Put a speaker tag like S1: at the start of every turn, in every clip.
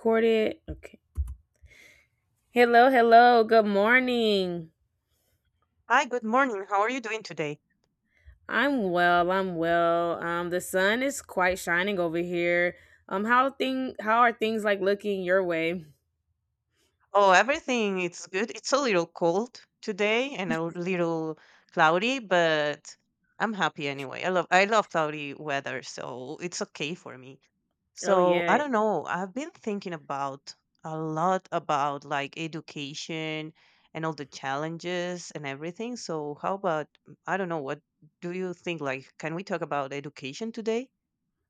S1: Recorded. Okay. Hello, hello. Good morning.
S2: Hi, good morning. How are you doing today?
S1: I'm well. I'm well. The sun is quite shining over here. How are things like looking your way?
S2: Oh, everything it's good. It's a little cold today and a little cloudy, but I'm happy anyway. I love cloudy weather, so it's okay for me.
S1: Oh
S2: So,
S1: yeah,
S2: I don't know. I've been thinking about a lot about like education and all the challenges and everything. So, how about I don't know, what do you think like can we talk about education today?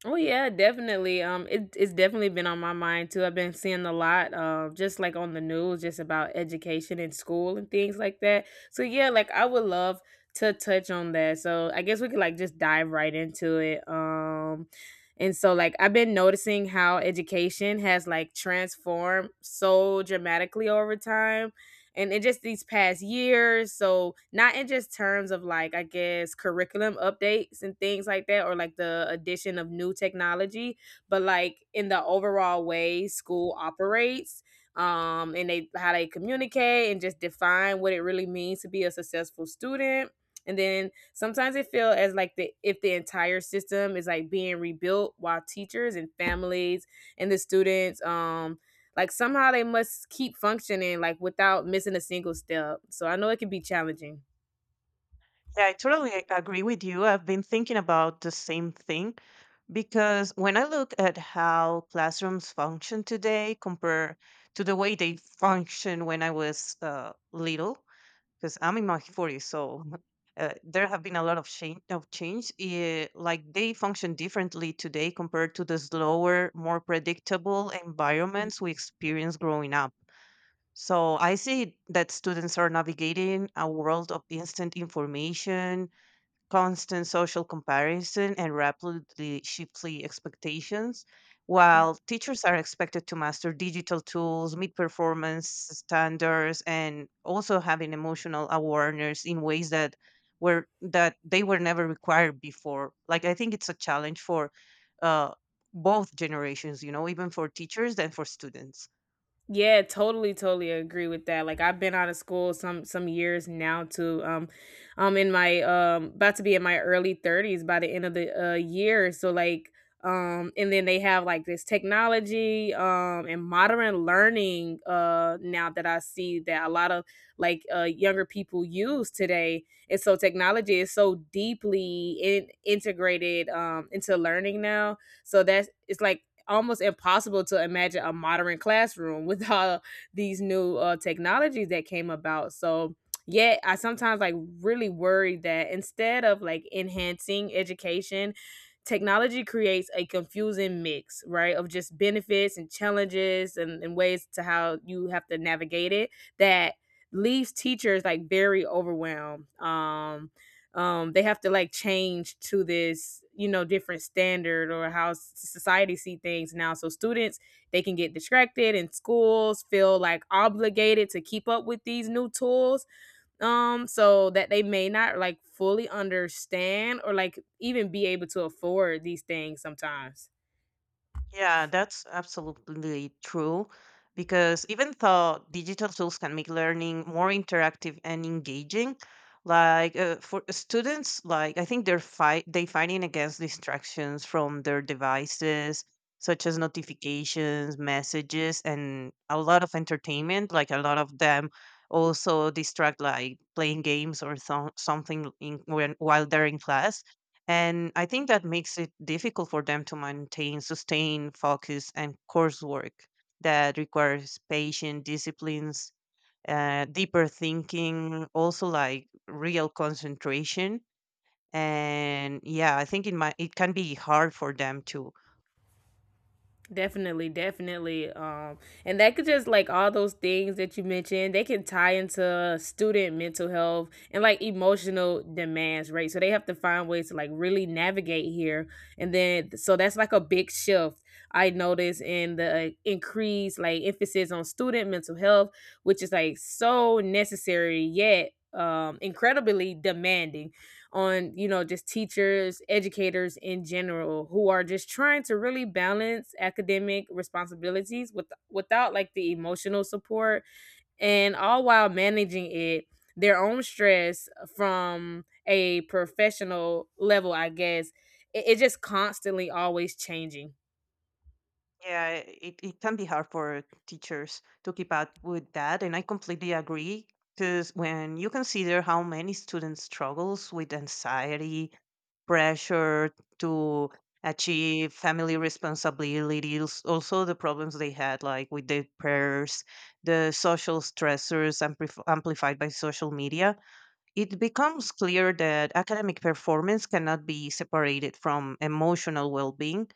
S1: Oh yeah, Definitely. It's definitely been on my mind too. I've been seeing a lot, just like on the news, just about education in school and things like that. So yeah, like I would love to touch on that. So I guess we could like just dive right into it. And so like I've been noticing how education has like transformed so dramatically over time, and in just these past years, so not in just terms of like I guess curriculum updates and things like that, or like the addition of new technology, but like in the overall way school operates, and they how they communicate and just define what it really means to be a successful student. And then sometimes it feel as like the if the entire system is like being rebuilt while teachers and families and the students like somehow they must keep functioning like without missing a single step. So I know it can be challenging.
S2: Yeah, I totally agree with you. I've been thinking about the same thing. Because when I look at how classrooms function today compared to the way they function when I was little, because I'm in my 40s, so there have been a lot of change. Of change. Like they function differently today compared to the slower, more predictable environments we experienced growing up. So I see that students are navigating a world of instant information, constant social comparison, and rapidly shifting expectations. While teachers are expected to master digital tools, meet performance standards, and also having emotional awareness in ways that were that they were never required before. Like I think it's a challenge for uh, both generations, you know, even for teachers and for students.
S1: Yeah, totally, totally agree with that. Like I've been out of school some years now too. I'm in my about to be in my early 30s by the end of the year. So like and then they have like this technology and modern learning now that I see that a lot of like younger people use today. And so technology is so deeply integrated into learning now. So that's it's like almost impossible to imagine a modern classroom with all these new technologies that came about. So, yeah, I sometimes like really worry that instead of like enhancing education, technology creates a confusing mix, right, of just benefits and challenges and ways to how you have to navigate it that leaves teachers like very overwhelmed. They have to like change to this you know different standard or how society see things now, so students they can get distracted and schools feel like obligated to keep up with these new tools, so that they may not like fully understand or like even be able to afford these things sometimes.
S2: Yeah, that's absolutely true. Because even though digital tools can make learning more interactive and engaging, like for students, like I think they fighting against distractions from their devices, such as notifications, messages, and a lot of entertainment. Like a lot of them also distract, like playing games or something in, when while they're in class, and I think that makes it difficult for them to maintain sustained focus and coursework that requires patience, disciplines, deeper thinking, also like real concentration. And yeah, I think it can be hard for them to.
S1: Definitely, definitely. And that could just like all those things that you mentioned, they can tie into student mental health and like emotional demands, right? So they have to find ways to like really navigate here. And then, so that's like a big shift I noticed in the increased like emphasis on student mental health, which is like so necessary yet incredibly demanding on you know just teachers educators in general who are just trying to really balance academic responsibilities with without like the emotional support, and all while managing it their own stress from a professional level I guess. It, it's just constantly always changing.
S2: Yeah, it can be hard for teachers to keep up with that. And I completely agree because when you consider how many students struggles with anxiety, pressure to achieve family responsibilities, also the problems they had, like with their prayers, the social stressors amplified by social media. It becomes clear that academic performance cannot be separated from emotional well being,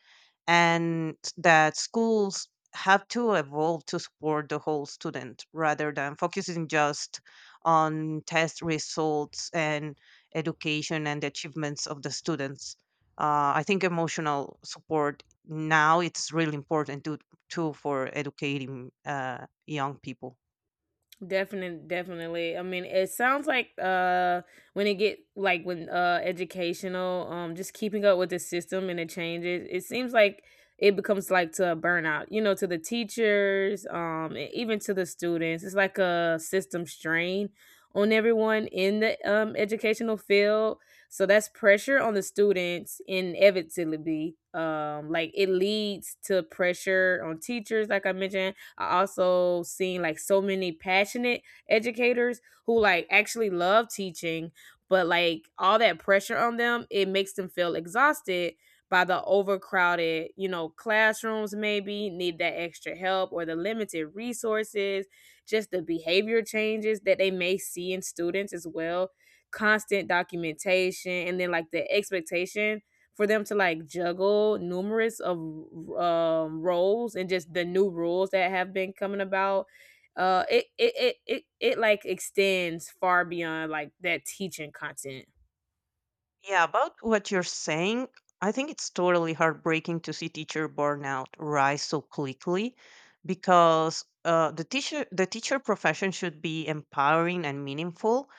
S2: and that schools have to evolve to support the whole student rather than focusing just on test results and education and achievements of the students. I think emotional support now it's really important to too for educating young people.
S1: Definitely, definitely. I mean, it sounds like when it get like when educational, just keeping up with the system and the changes, it seems like it becomes like to a burnout, you know, to the teachers, and even to the students. It's like a system strain on everyone in the educational field. So that's pressure on the students inevitably. Like it leads to pressure on teachers, like I mentioned. I also seen like so many passionate educators who like actually love teaching, but like all that pressure on them, it makes them feel exhausted by the overcrowded, you know, classrooms maybe need that extra help or the limited resources, just the behavior changes that they may see in students as well, constant documentation, and then like the expectation for them to like juggle numerous of roles and just the new rules that have been coming about. It like extends far beyond like that teaching content.
S2: Yeah, about what you're saying, I think it's totally heartbreaking to see teacher burnout rise so quickly because the teacher profession should be empowering and meaningful,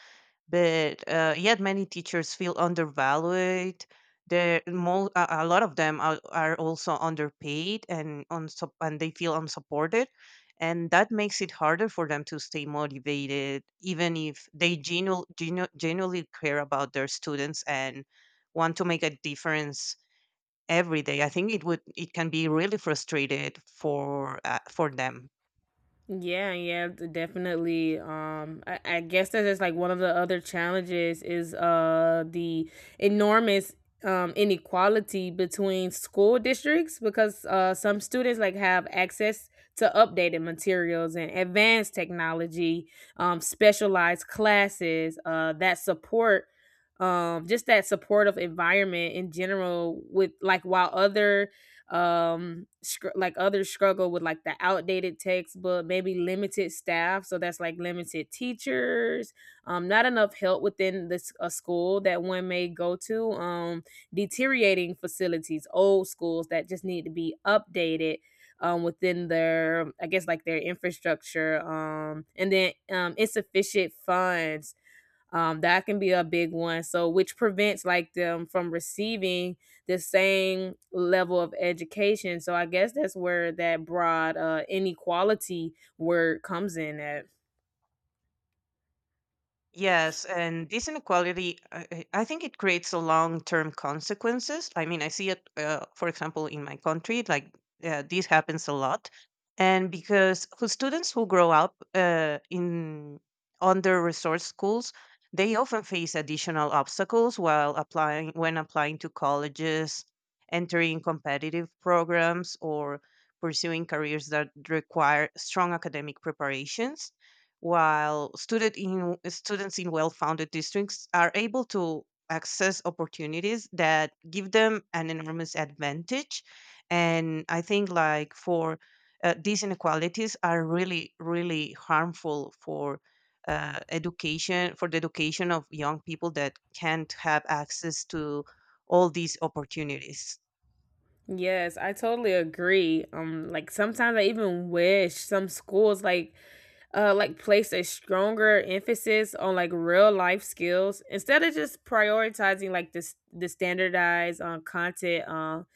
S2: but, yet many teachers feel undervalued. There, a lot of them are also underpaid and and they feel unsupported, and that makes it harder for them to stay motivated, even if they genuinely care about their students and want to make a difference every day. I think it can be really frustrated for them.
S1: Yeah, yeah, definitely. I guess that's just like one of the other challenges is the enormous inequality between school districts, because some students like have access to updated materials and advanced technology, specialized classes, that support just that supportive environment in general, with like while other like others struggle with like the outdated textbook, maybe limited staff, so that's like limited teachers, not enough help within this a school that one may go to, deteriorating facilities, old schools that just need to be updated, within their I guess like their infrastructure, and then insufficient funds, that can be a big one, so which prevents like them from receiving the same level of education. So I guess that's where that broad inequality word comes in at.
S2: Yes, and this inequality, I think it creates a long-term consequences. I mean, I see it, for example, in my country, like this happens a lot, and because who grow up in under-resourced schools, they often face additional obstacles while applying when applying to colleges, entering competitive programs, or pursuing careers that require strong academic preparations, while students in well-founded districts are able to access opportunities that give them an enormous advantage. And I think like for these inequalities are really really harmful for education for the education of young people that can't have access to all these opportunities.
S1: Yes, I totally agree. Like sometimes I even wish some schools like place a stronger emphasis on like real life skills instead of just prioritizing like this the standardized content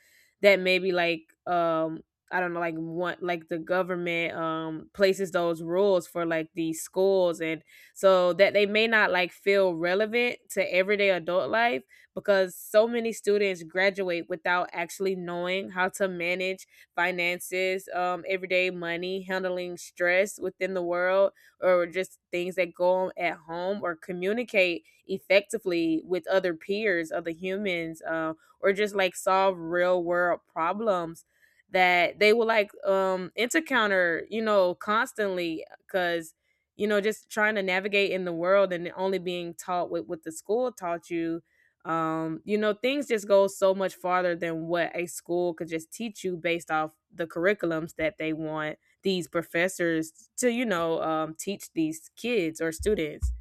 S1: that maybe like I don't know like want like the government places those rules for like these schools, and so that they may not like feel relevant to everyday adult life, because so many students graduate without actually knowing how to manage finances, everyday money, handling stress within the world, or just things that go on at home, or communicate effectively with other peers, other humans, or just like solve real world problems that they will like encounter, you know, constantly. Because you know just trying to navigate in the world and only being taught with what the school taught you, you know things just go so much farther than what a school could just teach you based off the curriculums that they want these professors to you know teach these kids or students.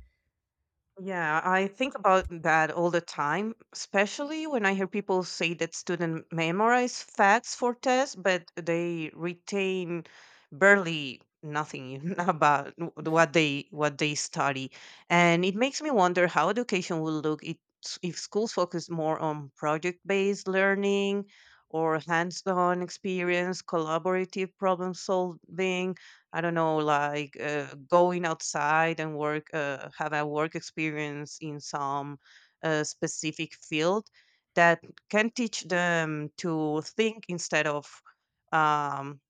S2: Yeah, I think about that all the time, especially when I hear people say that students memorize facts for tests, but they retain barely nothing about what they study. And it makes me wonder how education will if schools focus more on project-based learning or hands-on experience, collaborative problem solving, I don't know, like going outside and work, have a work experience in some specific field that can teach them to think instead of um,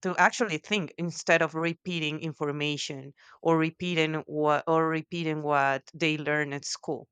S2: to actually think instead of repeating information or repeating what they learn at school.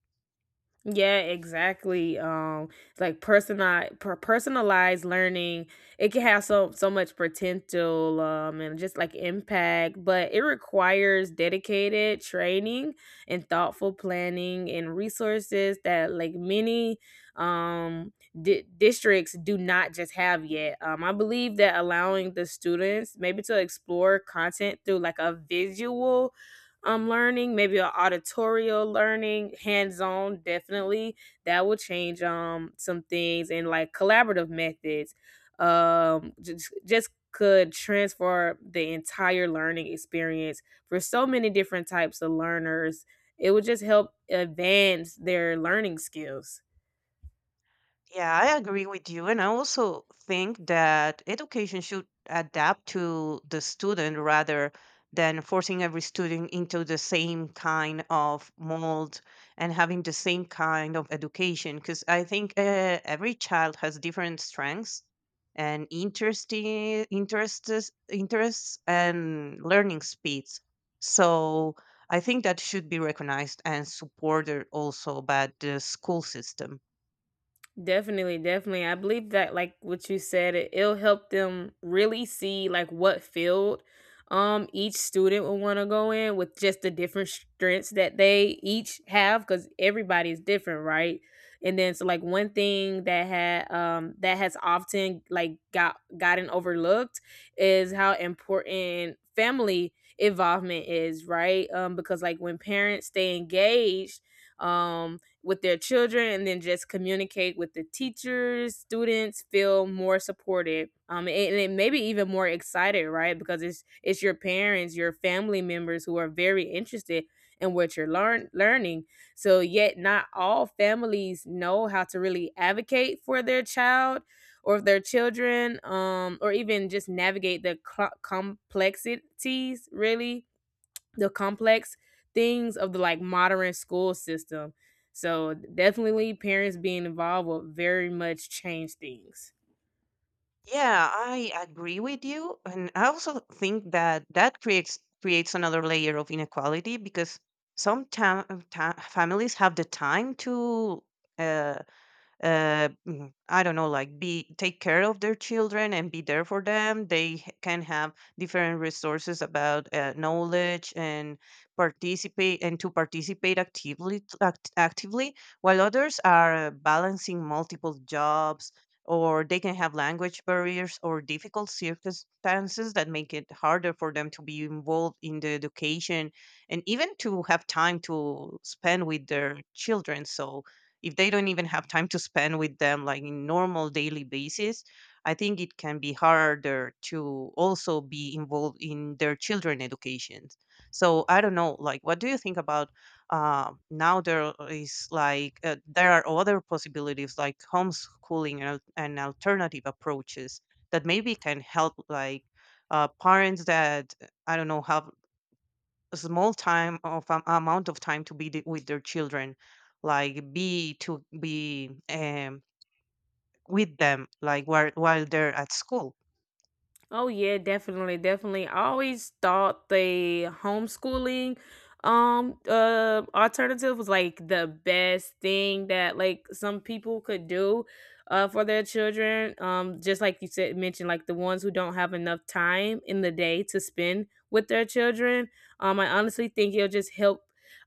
S1: Yeah, exactly. It's like personalized learning, it can have so so much potential, and just like impact, but it requires dedicated training and thoughtful planning and resources that like many um districts do not just have yet. I believe that allowing the students maybe to explore content through like a visual learning, maybe an auditorial learning, hands-on definitely. That will change some things and like collaborative methods. Just could transfer the entire learning experience for so many different types of learners. It would just help advance their learning skills.
S2: Yeah, I agree with you. And I also think that education should adapt to the student rather than forcing every student into the same kind of mold and having the same kind of education. Because I think every child has different strengths and interests and learning speeds. So I think that should be recognized and supported also by the school system.
S1: Definitely, definitely. I believe that like what you said, it'll help them really see like what field each student will want to go in with just the different strengths that they each have, cuz everybody's different, right? And then so like one thing that had that has often like gotten overlooked is how important family involvement is, right? Because like when parents stay engaged, um with their children, and then just communicate with the teachers, students feel more supported, and maybe even more excited, right, because it's your parents your family members who are very interested in what you're learning. So yet not all families know how to really advocate for their child or their children, or even just navigate the complex things of the like modern school system. So definitely parents being involved will very much change things.
S2: Yeah, I agree with you, and I also think that that creates another layer of inequality because some families have the time to uh, I don't know, like be take care of their children and be there for them. They can have different resources about knowledge and participate and to participate actively, while others are balancing multiple jobs or they can have language barriers or difficult circumstances that make it harder for them to be involved in the education and even to have time to spend with their children. So if they don't even have time to spend with them like in normal daily basis, I think it can be harder to also be involved in their children education. So I don't know, like what do you think about now there is like there are other possibilities like homeschooling and alternative approaches that maybe can help like parents that I don't know have small time of amount of time to be with their children, like be with them like while they're at school.
S1: Oh yeah, definitely, definitely. I always thought the homeschooling alternative was like the best thing that like some people could do for their children. Just like you said mentioned, like the ones who don't have enough time in the day to spend with their children. I honestly think it'll just help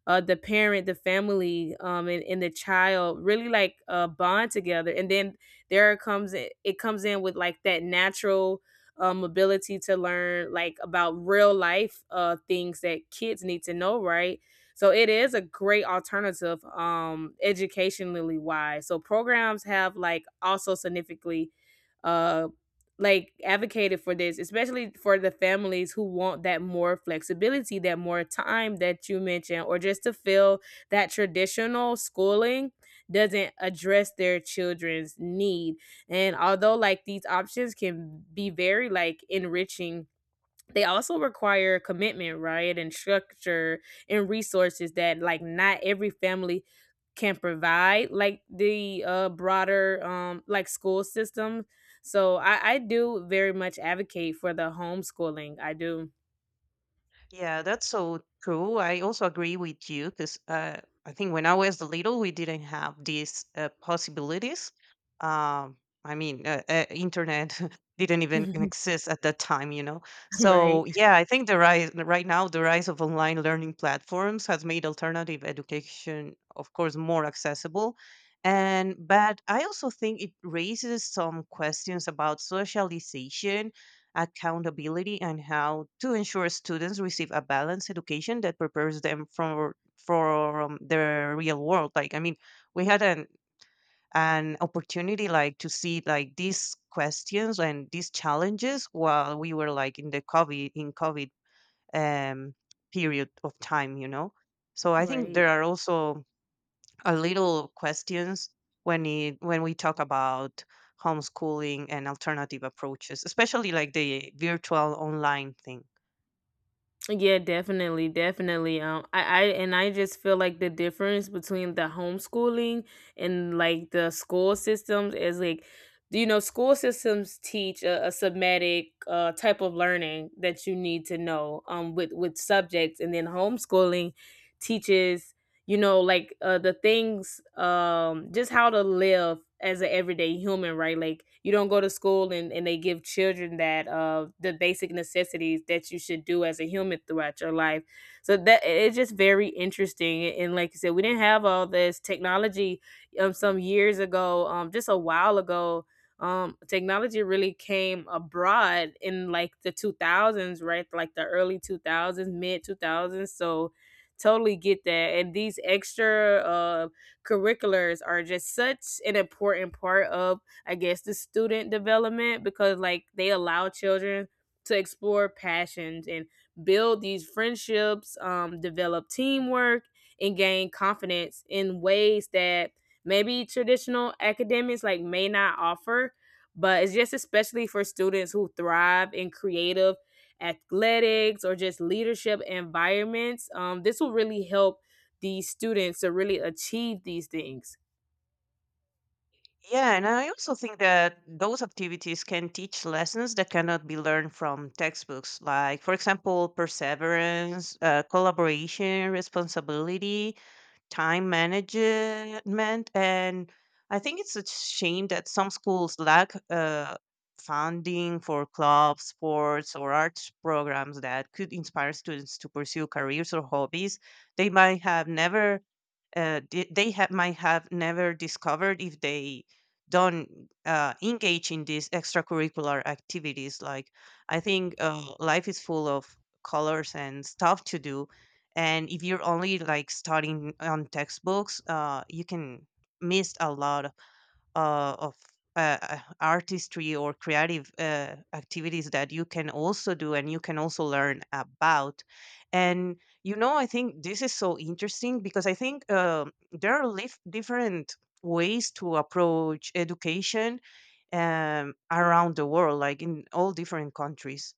S1: the family, and the child really like bond together, and then there comes it comes in with like that natural ability to learn like about real life things that kids need to know, right? So it is a great alternative educationally wise. So programs have like also significantly uh, like advocated for this, especially for the families who want that more flexibility, that more time that you mentioned, or just to feel that traditional schooling doesn't address their children's need. And although like these options can be very like enriching, they also require commitment, right? And structure and resources that like not every family can provide, like the broader like school system. So I do very much advocate for the homeschooling. I do.
S2: Yeah, that's so true. I also agree with you because I think when I was little, we didn't have these possibilities. Um, I mean, internet didn't even exist at that time, you know.
S1: Right.
S2: So yeah, I think the rise right now, the rise of online learning platforms has made alternative education, of course, more accessible. And but I also think it raises some questions about socialization, accountability, and how to ensure students receive a balanced education that prepares them for the real world. Like I mean, we had an opportunity like to see like these questions and these challenges while we were like in the covid um period of time, you know. So I think
S1: Right.
S2: there are also a little questions when it when we talk about homeschooling and alternative approaches, especially like the virtual online thing.
S1: Yeah, definitely, definitely. I and I just feel like the difference between the homeschooling and like the school systems is like, you know, school systems teach a submatic type of learning that you need to know with subjects, and then homeschooling teaches you know like the things just how to live as an everyday human, right? Like you don't go to school and, they give children that the basic necessities that you should do as a human throughout your life, so that it's just very interesting. And like you said, we didn't have all this technology some years ago, just a while ago. Technology really came abroad in like the 2000s, right? Like the early 2000s, mid 2000s. So totally get that. And these extra curriculars are just such an important part of, I guess, the student development, because, like, they allow children to explore passions and build these friendships, develop teamwork, and gain confidence in ways that maybe traditional academics like may not offer, but it's just especially for students who thrive in creative athletics or just leadership environments. This will really help these students to really achieve these things.
S2: Yeah, and I also think that those activities can teach lessons that cannot be learned from textbooks, like, for example, perseverance, collaboration, responsibility, time management. And I think it's a shame that some schools lack funding for clubs, sports, or arts programs that could inspire students to pursue careers or hobbies they might have never di- they have might have never discovered if they don't engage in these extracurricular activities. Like I think life is full of colors and stuff to do, and if you're only like starting on textbooks, you can miss a lot of artistry or creative activities that you can also do and you can also learn about. And you know, I think this is so interesting because I think there are different ways to approach education around the world, like in all different countries.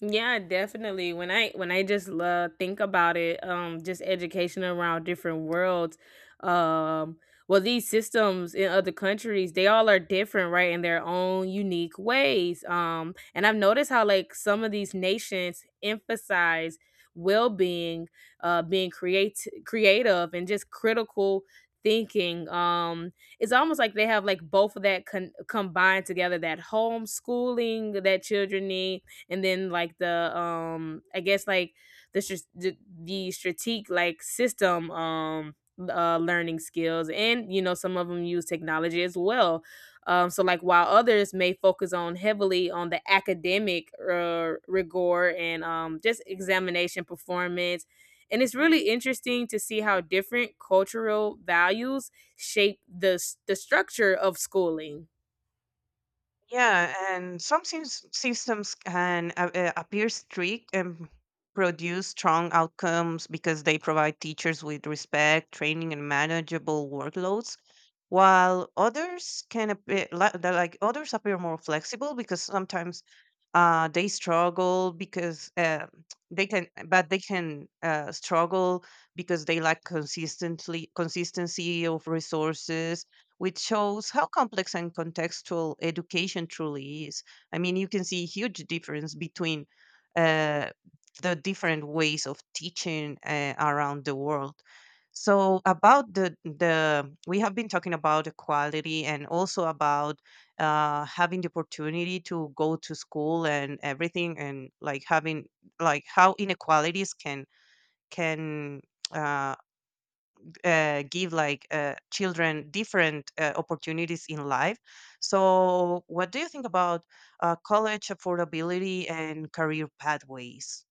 S1: Yeah, definitely. When I just love think about it, just education around different worlds, um, well, these systems in other countries, they all are different, right, in their own unique ways. And I've noticed how like some of these nations emphasize well being, being create creative and just critical thinking. It's almost like they have like both of that combined together. That homeschooling that children need, and then like the I guess like the str- the, the strategic like system learning skills. And you know, some of them use technology as well, so like while others may focus on heavily on the academic rigor and just examination performance. And it's really interesting to see how different cultural values shape the structure of schooling.
S2: Yeah, and some systems can appear strict and produce strong outcomes because they provide teachers with respect, training, and manageable workloads, while others can appear like others appear more flexible because sometimes they struggle because they can struggle because they lack consistently consistency of resources, which shows how complex and contextual education truly is. I mean, you can see a huge difference between uh, the different ways of teaching around the world. So about the we have been talking about equality and also about having the opportunity to go to school and everything, and like having like how inequalities can uh, give like children different opportunities in life. So, what do you think about college affordability and career pathways?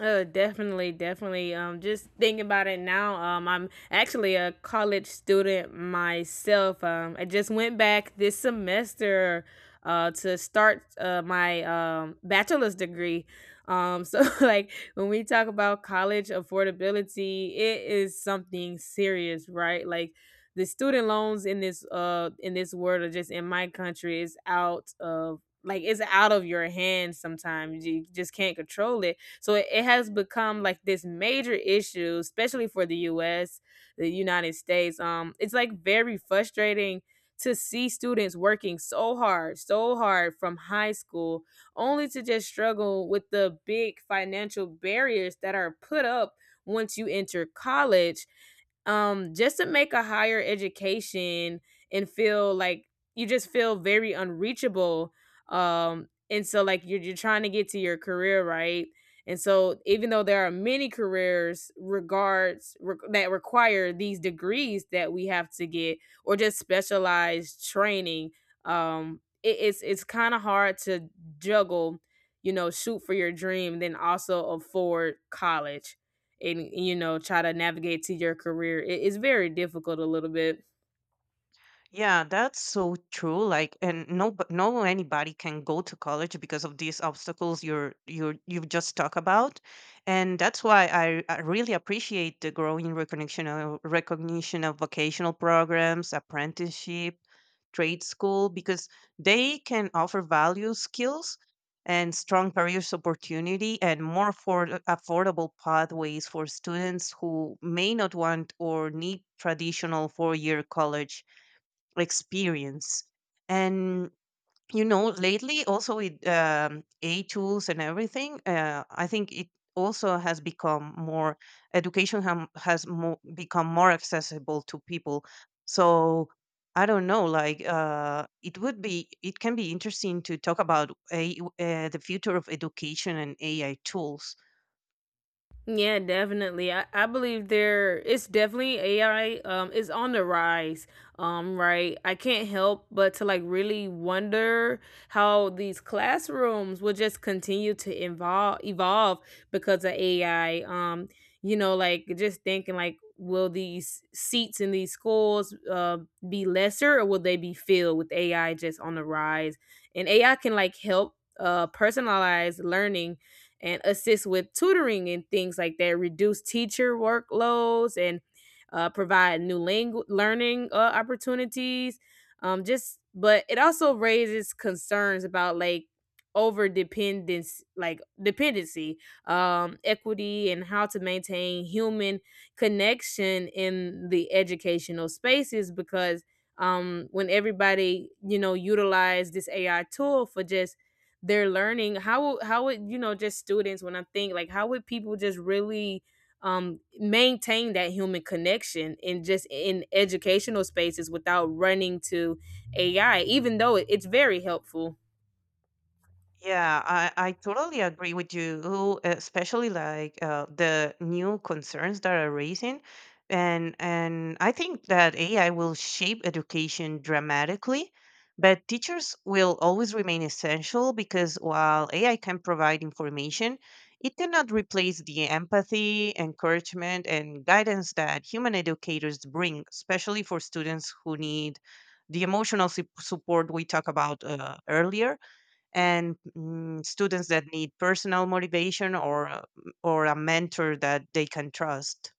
S1: Oh, definitely, definitely. Just thinking about it now, I'm actually a college student myself. I just went back this semester, to start my bachelor's degree. So like when we talk about college affordability, it is something serious, right? Like the student loans in this world or just in my country is out of like it's out of your hands sometimes. You just can't control it, so it has become like this major issue, especially for the US, the United States. It's like very frustrating to see students working so hard from high school, only to just struggle with the big financial barriers that are put up once you enter college, just to make a higher education and feel like you just feel very unreachable. And so like you're trying to get to your career, right? And so, even though there are many careers that require these degrees that we have to get, or just specialized training, it's kind of hard to juggle, you know, shoot for your dream, then also afford college, and you know, try to navigate to your career. It's very difficult a little bit.
S2: Yeah, that's so true. Like, and no, but no anybody can go to college because of these obstacles you've just talked about, and that's why I really appreciate the growing recognition of vocational programs, apprenticeship, trade school because they can offer value, skills, and strong careers opportunity and more affordable pathways for students who may not want or need traditional 4-year college experience. And lately also with a tools and everything, I think it also has become more education ham has mo- become more accessible to people. So I don't know, like, it can be interesting to talk about the future of education and AI tools.
S1: Yeah, definitely. I believe there it's definitely AI is on the rise. Right. I can't help but to like really wonder how these classrooms will just continue to evolve because of AI. You know, like just thinking like will these seats in these schools be lesser or will they be filled with AI just on the rise? And AI can like help personalize learning and assist with tutoring and things like that, reduce teacher workloads, and provide new learning opportunities. Just, but it also raises concerns about like over dependence, like dependency, equity, and how to maintain human connection in the educational spaces, because when everybody you know utilize this AI tool for just they're learning, how would you know just students when I think like how would people just really maintain that human connection in just in educational spaces without running to AI, even though it's very helpful.
S2: Yeah, I totally agree with you, especially like, the new concerns that are raising. And I think that AI will shape education dramatically, but teachers will always remain essential because while AI can provide information, it cannot replace the empathy, encouragement, and guidance that human educators bring, especially for students who need the emotional support we talked about earlier, and students that need personal motivation or a mentor that they can trust.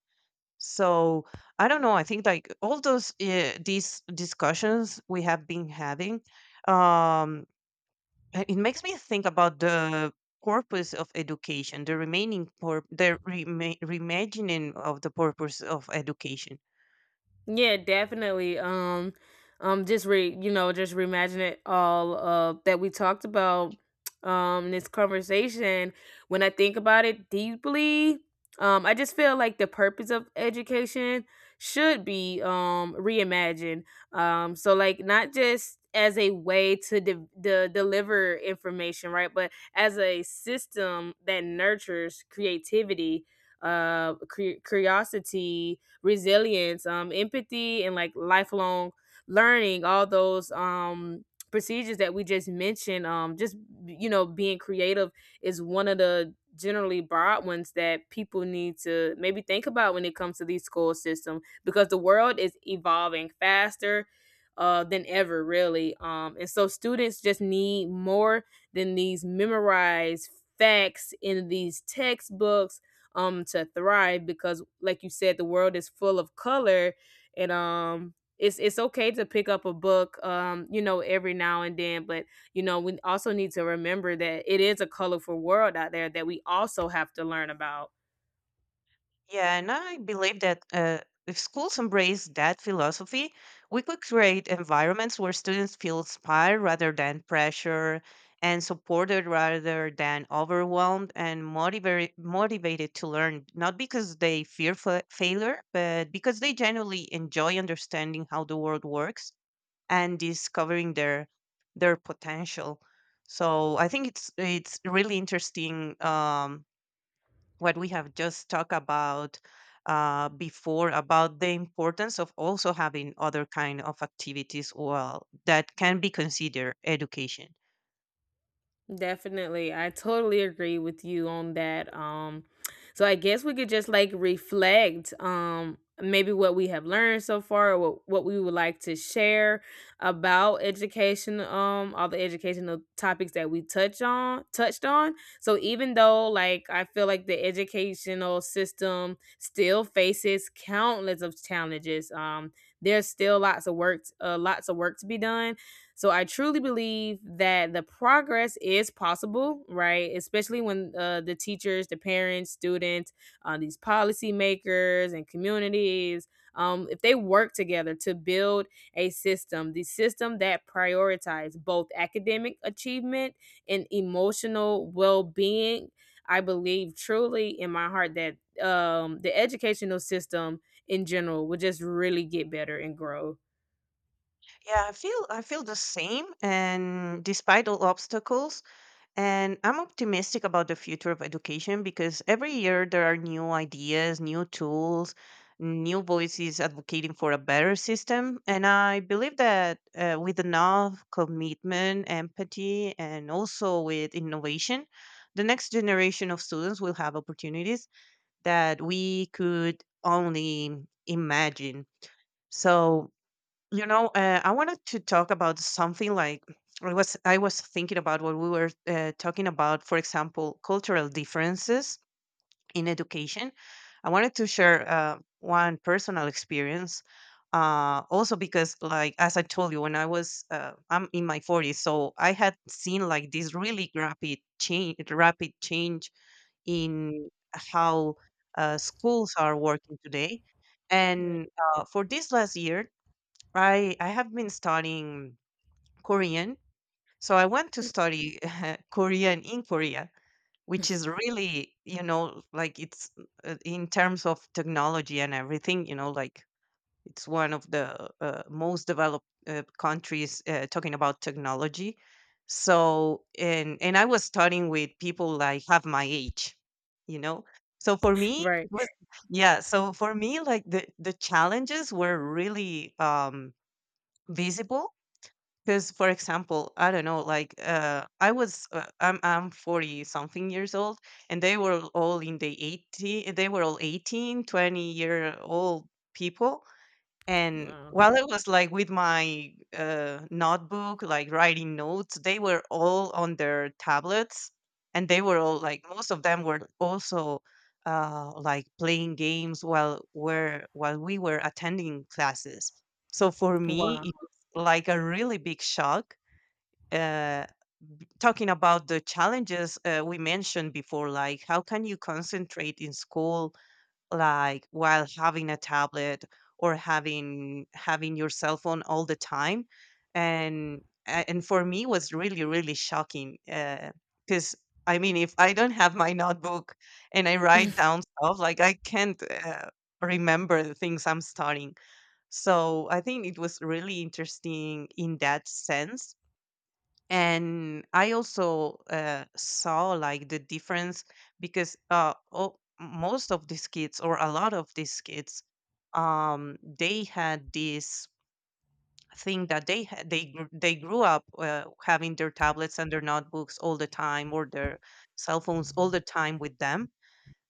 S2: So I don't know, I think like all those these discussions we have been having, um it makes me think about the purpose of education, the remaining pur- the rema- reimagining of the purpose of education.
S1: Yeah, definitely. Just re you know, just reimagine it all that we talked about in this conversation. When I think about it deeply, I just feel like the purpose of education should be reimagined. So like not just as a way to deliver information, right? But as a system that nurtures creativity, curiosity, resilience, empathy, and like lifelong learning. All those procedures that we just mentioned. Just you know, being creative is one of the generally broad ones that people need to maybe think about when it comes to these school systems, because the world is evolving faster than ever really. And so students just need more than these memorized facts in these textbooks to thrive, because like you said, the world is full of color, and it's okay to pick up a book you know every now and then, but you know we also need to remember that it is a colorful world out there that we also have to learn about.
S2: Yeah, and I believe that, if schools embrace that philosophy, we could create environments where students feel inspired rather than pressure and supported rather than overwhelmed and motivated to learn, not because they failure, but because they genuinely enjoy understanding how the world works and discovering their potential. So I think it's really interesting, what we have just talked about before about the importance of also having other kind of activities well that can be considered education.
S1: Definitely. I totally agree with you on that. Um, so I guess we could just like reflect maybe what we have learned so far, or what we would like to share about education, all the educational topics that we touched on. So even though like I feel like the educational system still faces countless of challenges, there's still lots of work to be done, so I truly believe that the progress is possible, right? Especially when the teachers, the parents, students, these policymakers, and communities, if they work together to build the system that prioritizes both academic achievement and emotional well-being, I believe truly in my heart that the educational system in general would just really get better and grow.
S2: Yeah, I feel the same. And despite all obstacles, and I'm optimistic about the future of education because every year there are new ideas, new tools, new voices advocating for a better system. And I believe that, with enough commitment, empathy, and also with innovation, the next generation of students will have opportunities that we could only imagine. So, I wanted to talk about something like, I was thinking about what we were, talking about. For example, cultural differences in education. I wanted to share, one personal experience. Also, because like, as I told you, when I was I'm in my 40s, so I had seen like this really rapid change in how, schools are working today.
S1: Right.
S2: And, for this last year, I have been studying Korean. So I went to study Korean in Korea, which is really, like, it's in terms of technology and everything, like, it's one of the, most developed, countries, talking about technology. So and I was studying with people like half my age, you know. So for me,
S1: Right.
S2: it was, yeah. So for me, like, the challenges were really, visible because, for example, I don't know, like, I'm 40 something years old, and they were all in the they were all 18, 20-year old people. And
S1: Wow.
S2: while I was like with my, notebook, like writing notes, they were all on their tablets, and they were all like, most of them were also, like playing games while we were attending classes. So for me,
S1: Wow.
S2: it was like a really big shock. Uh, Talking about the challenges we mentioned before, like, how can you concentrate in school like while having a tablet or having your cell phone all the time? And and for me was really really shocking because, I mean, if I don't have my notebook and I write down stuff, like, I can't, remember the things I'm studying. So I think it was really interesting in that sense. And I also, saw like the difference, because most of these kids, or a lot of these kids, they had this thing that they had they gr- they grew up, having their tablets and their notebooks all the time, or their cell phones all the time with them.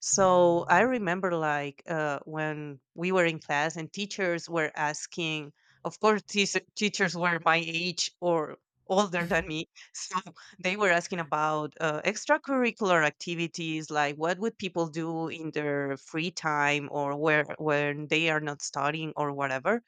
S2: So I remember like, when we were in class and teachers were asking, of course, teas teachers were my age or older than me. So they were asking about, extracurricular activities, like what would people do in their free time, or where when they are not studying or whatever,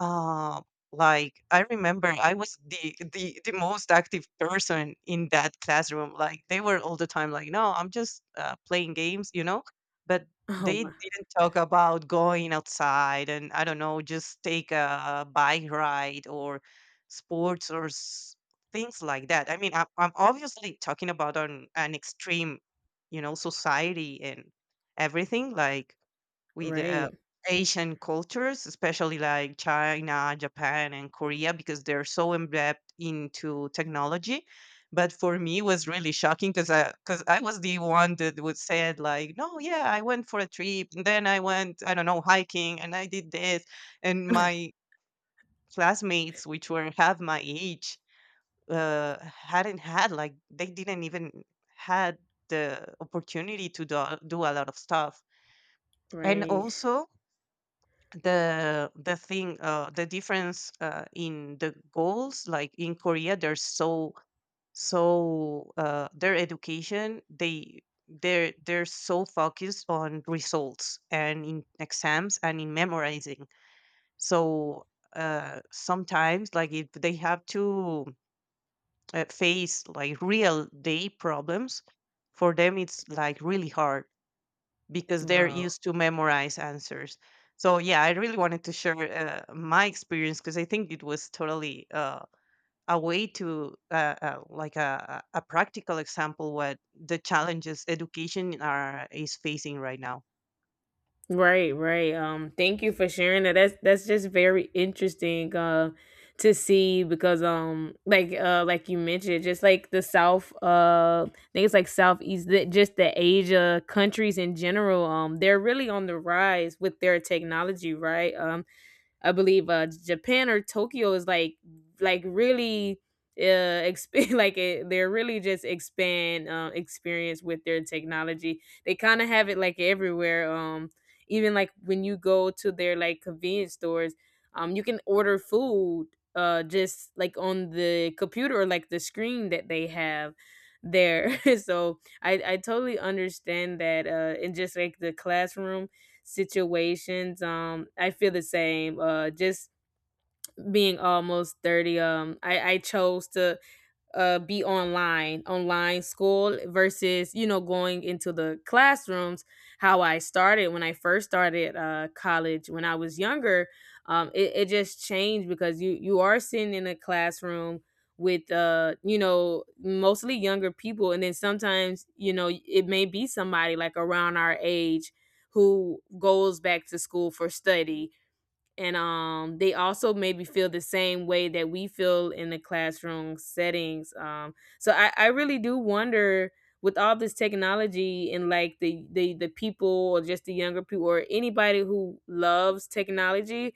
S2: uh, like, I remember I was the most active person in that classroom. Like, they were all the time like, "No, I'm just, playing games," you know? But
S1: Oh,
S2: they
S1: wow.
S2: didn't talk about going outside, and I don't know, just take a bike ride or sports, things like that. I mean, I'm obviously talking about an extreme, society and everything, like with,
S1: Right,
S2: Asian cultures, especially like China, Japan, and Korea, because they're so embedded into technology. But for me, it was really shocking because I was the one that would said like, no, yeah, I went for a trip, and then I went, I don't know, hiking, and I did this, and my classmates, which were half my age, hadn't had like they didn't even had the opportunity to do a lot of stuff, and
S1: right.
S2: also the thing, the difference, in the goals, like in Korea they're so, their education, they're so focused on results and in exams and in memorizing. So, sometimes, like, if they have to, face like real day problems, for them it's like really hard because they're
S1: Wow.
S2: used to memorize answers. So yeah, I really wanted to share, my experience because I think it was totally, a way to, like a practical example what the challenges education are is facing right now.
S1: Right, right. Thank you for sharing that. That's just very interesting to see, because like you mentioned, just like the South, I think it's like just the Asia countries in general, they're really on the rise with their technology, right? I believe Japan or Tokyo is like really like they're really just expand experience with their technology. They kind of have it like everywhere. Even like when you go to their like convenience stores, you can order food just like on the computer or like the screen that they have there. So I totally understand that in just like the classroom situations. I feel the same. Just being almost 30. I chose to be online, online school versus, you know, going into the classrooms. How I started when I first started college when I was younger, it just changed because you are sitting in a classroom with you know mostly younger people, and then sometimes you know it may be somebody like around our age who goes back to school for study, and they also maybe feel the same way that we feel in the classroom settings. So I really do wonder with all this technology and like the people or just the younger people or anybody who loves technology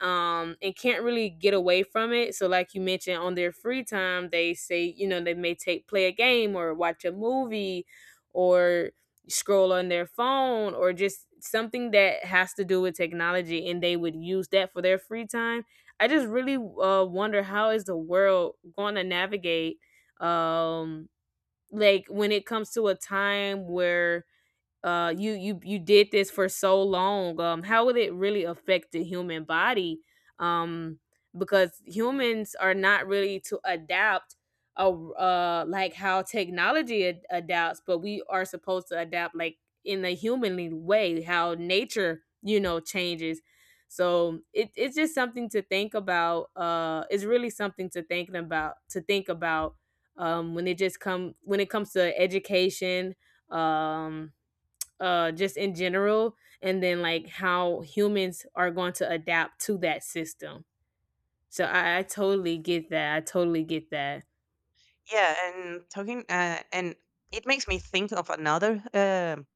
S1: and can't really get away from it. So like you mentioned, on their free time they say you know they may take play a game or watch a movie or scroll on their phone or just something that has to do with technology, and they would use that for their free time. I just really wonder how is the world going to navigate um like when it comes to a time where you did this for so long, how would it really affect the human body, um because humans are not really to adapt like how technology adapts, but we are supposed to adapt like in a humanly way, how nature you know changes. So it's just something to think about. It's really something to think about when it just come when it comes to education, um just in general, and then like how humans are going to adapt to that system. So I totally get that, I totally get that.
S2: Yeah, and talking, and it makes me think of another.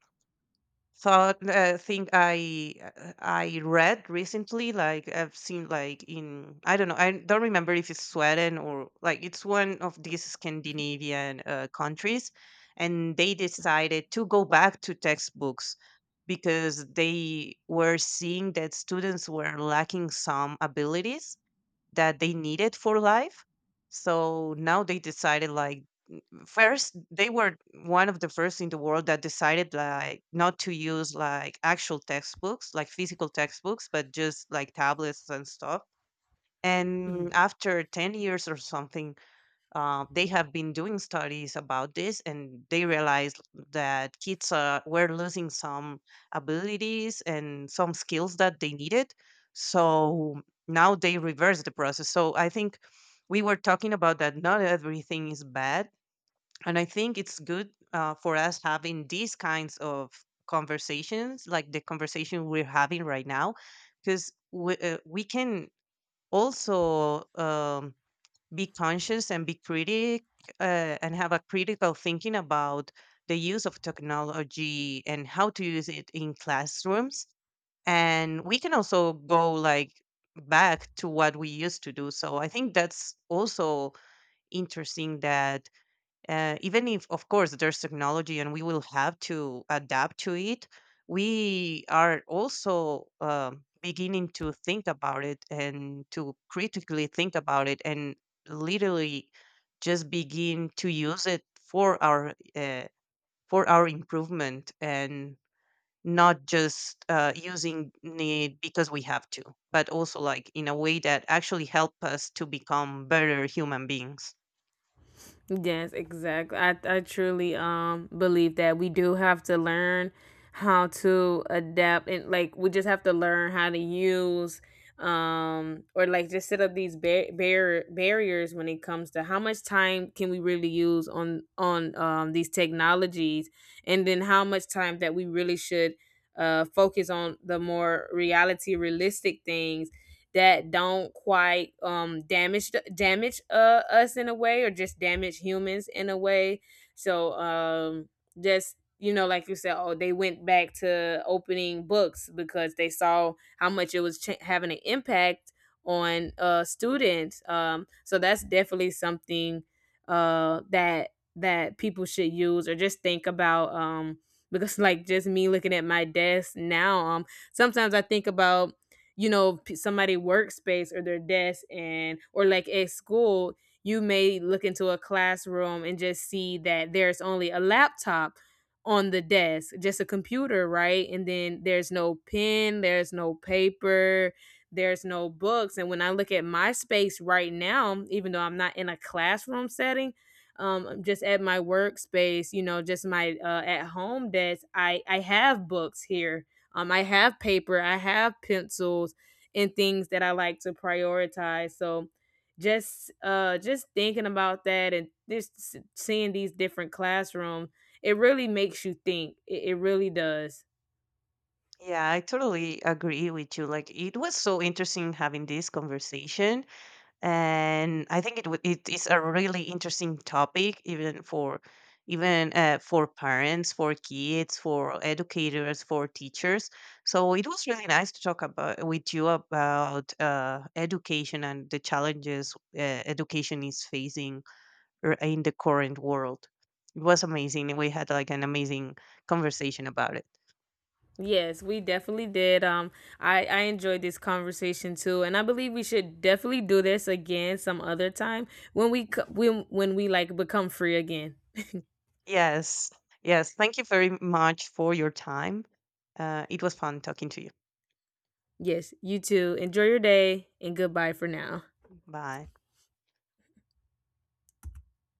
S2: So, thing I read recently, like I've seen like, in, I don't know, I don't remember if it's Sweden, or like, it's one of these Scandinavian, countries, and they decided to go back to textbooks because they were seeing that students were lacking some abilities that they needed for life. So now they decided like, first they were one of the first in the world that decided like not to use like actual textbooks, like physical textbooks, but just like tablets and stuff. And
S1: Mhm.
S2: after 10 years or something, they have been doing studies about this, and they realized that kids, were losing some abilities and some skills that they needed. So now they reverse the process. So I think, we were talking about that not everything is bad, and I think it's good, for us having these kinds of conversations, like the conversation we're having right now, because we can also, be conscious and be critic, and have a critical thinking about the use of technology and how to use it in classrooms. And we can also go like back to what we used to do. So I think that's also interesting that, even if, of course, there's technology, and we will have to adapt to it, we are also, beginning to think about it, and to critically think about it, and literally just begin to use it for our improvement, and not just, using it because we have to, but also like in a way that actually help us to become better human beings.
S1: Yes, exactly. I truly believe that we do have to learn how to adapt, and like we just have to learn how to use or like just set up these barriers when it comes to how much time can we really use on these technologies, and then how much time that we really should focus on the more reality realistic things that don't quite damage us in a way or just damage humans in a way. So just you know like you said, oh they went back to opening books because they saw how much it was having an impact on students, so that's definitely something that people should use or just think about, because like just me looking at my desk now, sometimes I think about you know somebody workspace or their desk, and or like at school you may look into a classroom and just see that there's only a laptop on the desk, just a computer, right? And then there's no pen, there's no paper, there's no books. And when I look at my space right now, even though I'm not in a classroom setting, I'm just at my workspace, you know, just my at home desk. I have books here, I have paper, I have pencils and things that I like to prioritize. So just thinking about that and just seeing these different classrooms, it really makes you think. It really does.
S2: Yeah, I totally agree with you. Like, it was so interesting having this conversation, and I think it is a really interesting topic, even for even for parents, for kids, for educators, for teachers. So it was really nice to talk about with you about, education and the challenges, education is facing, in the current world. It was amazing. We had like an amazing conversation about it.
S1: Yes, we definitely did. I enjoyed this conversation too, and I believe we should definitely do this again some other time when we when we like become free again.
S2: Yes. Yes. Thank you very much for your time. It was fun talking to you.
S1: Yes, you too. Enjoy your day, and goodbye for now.
S2: Bye.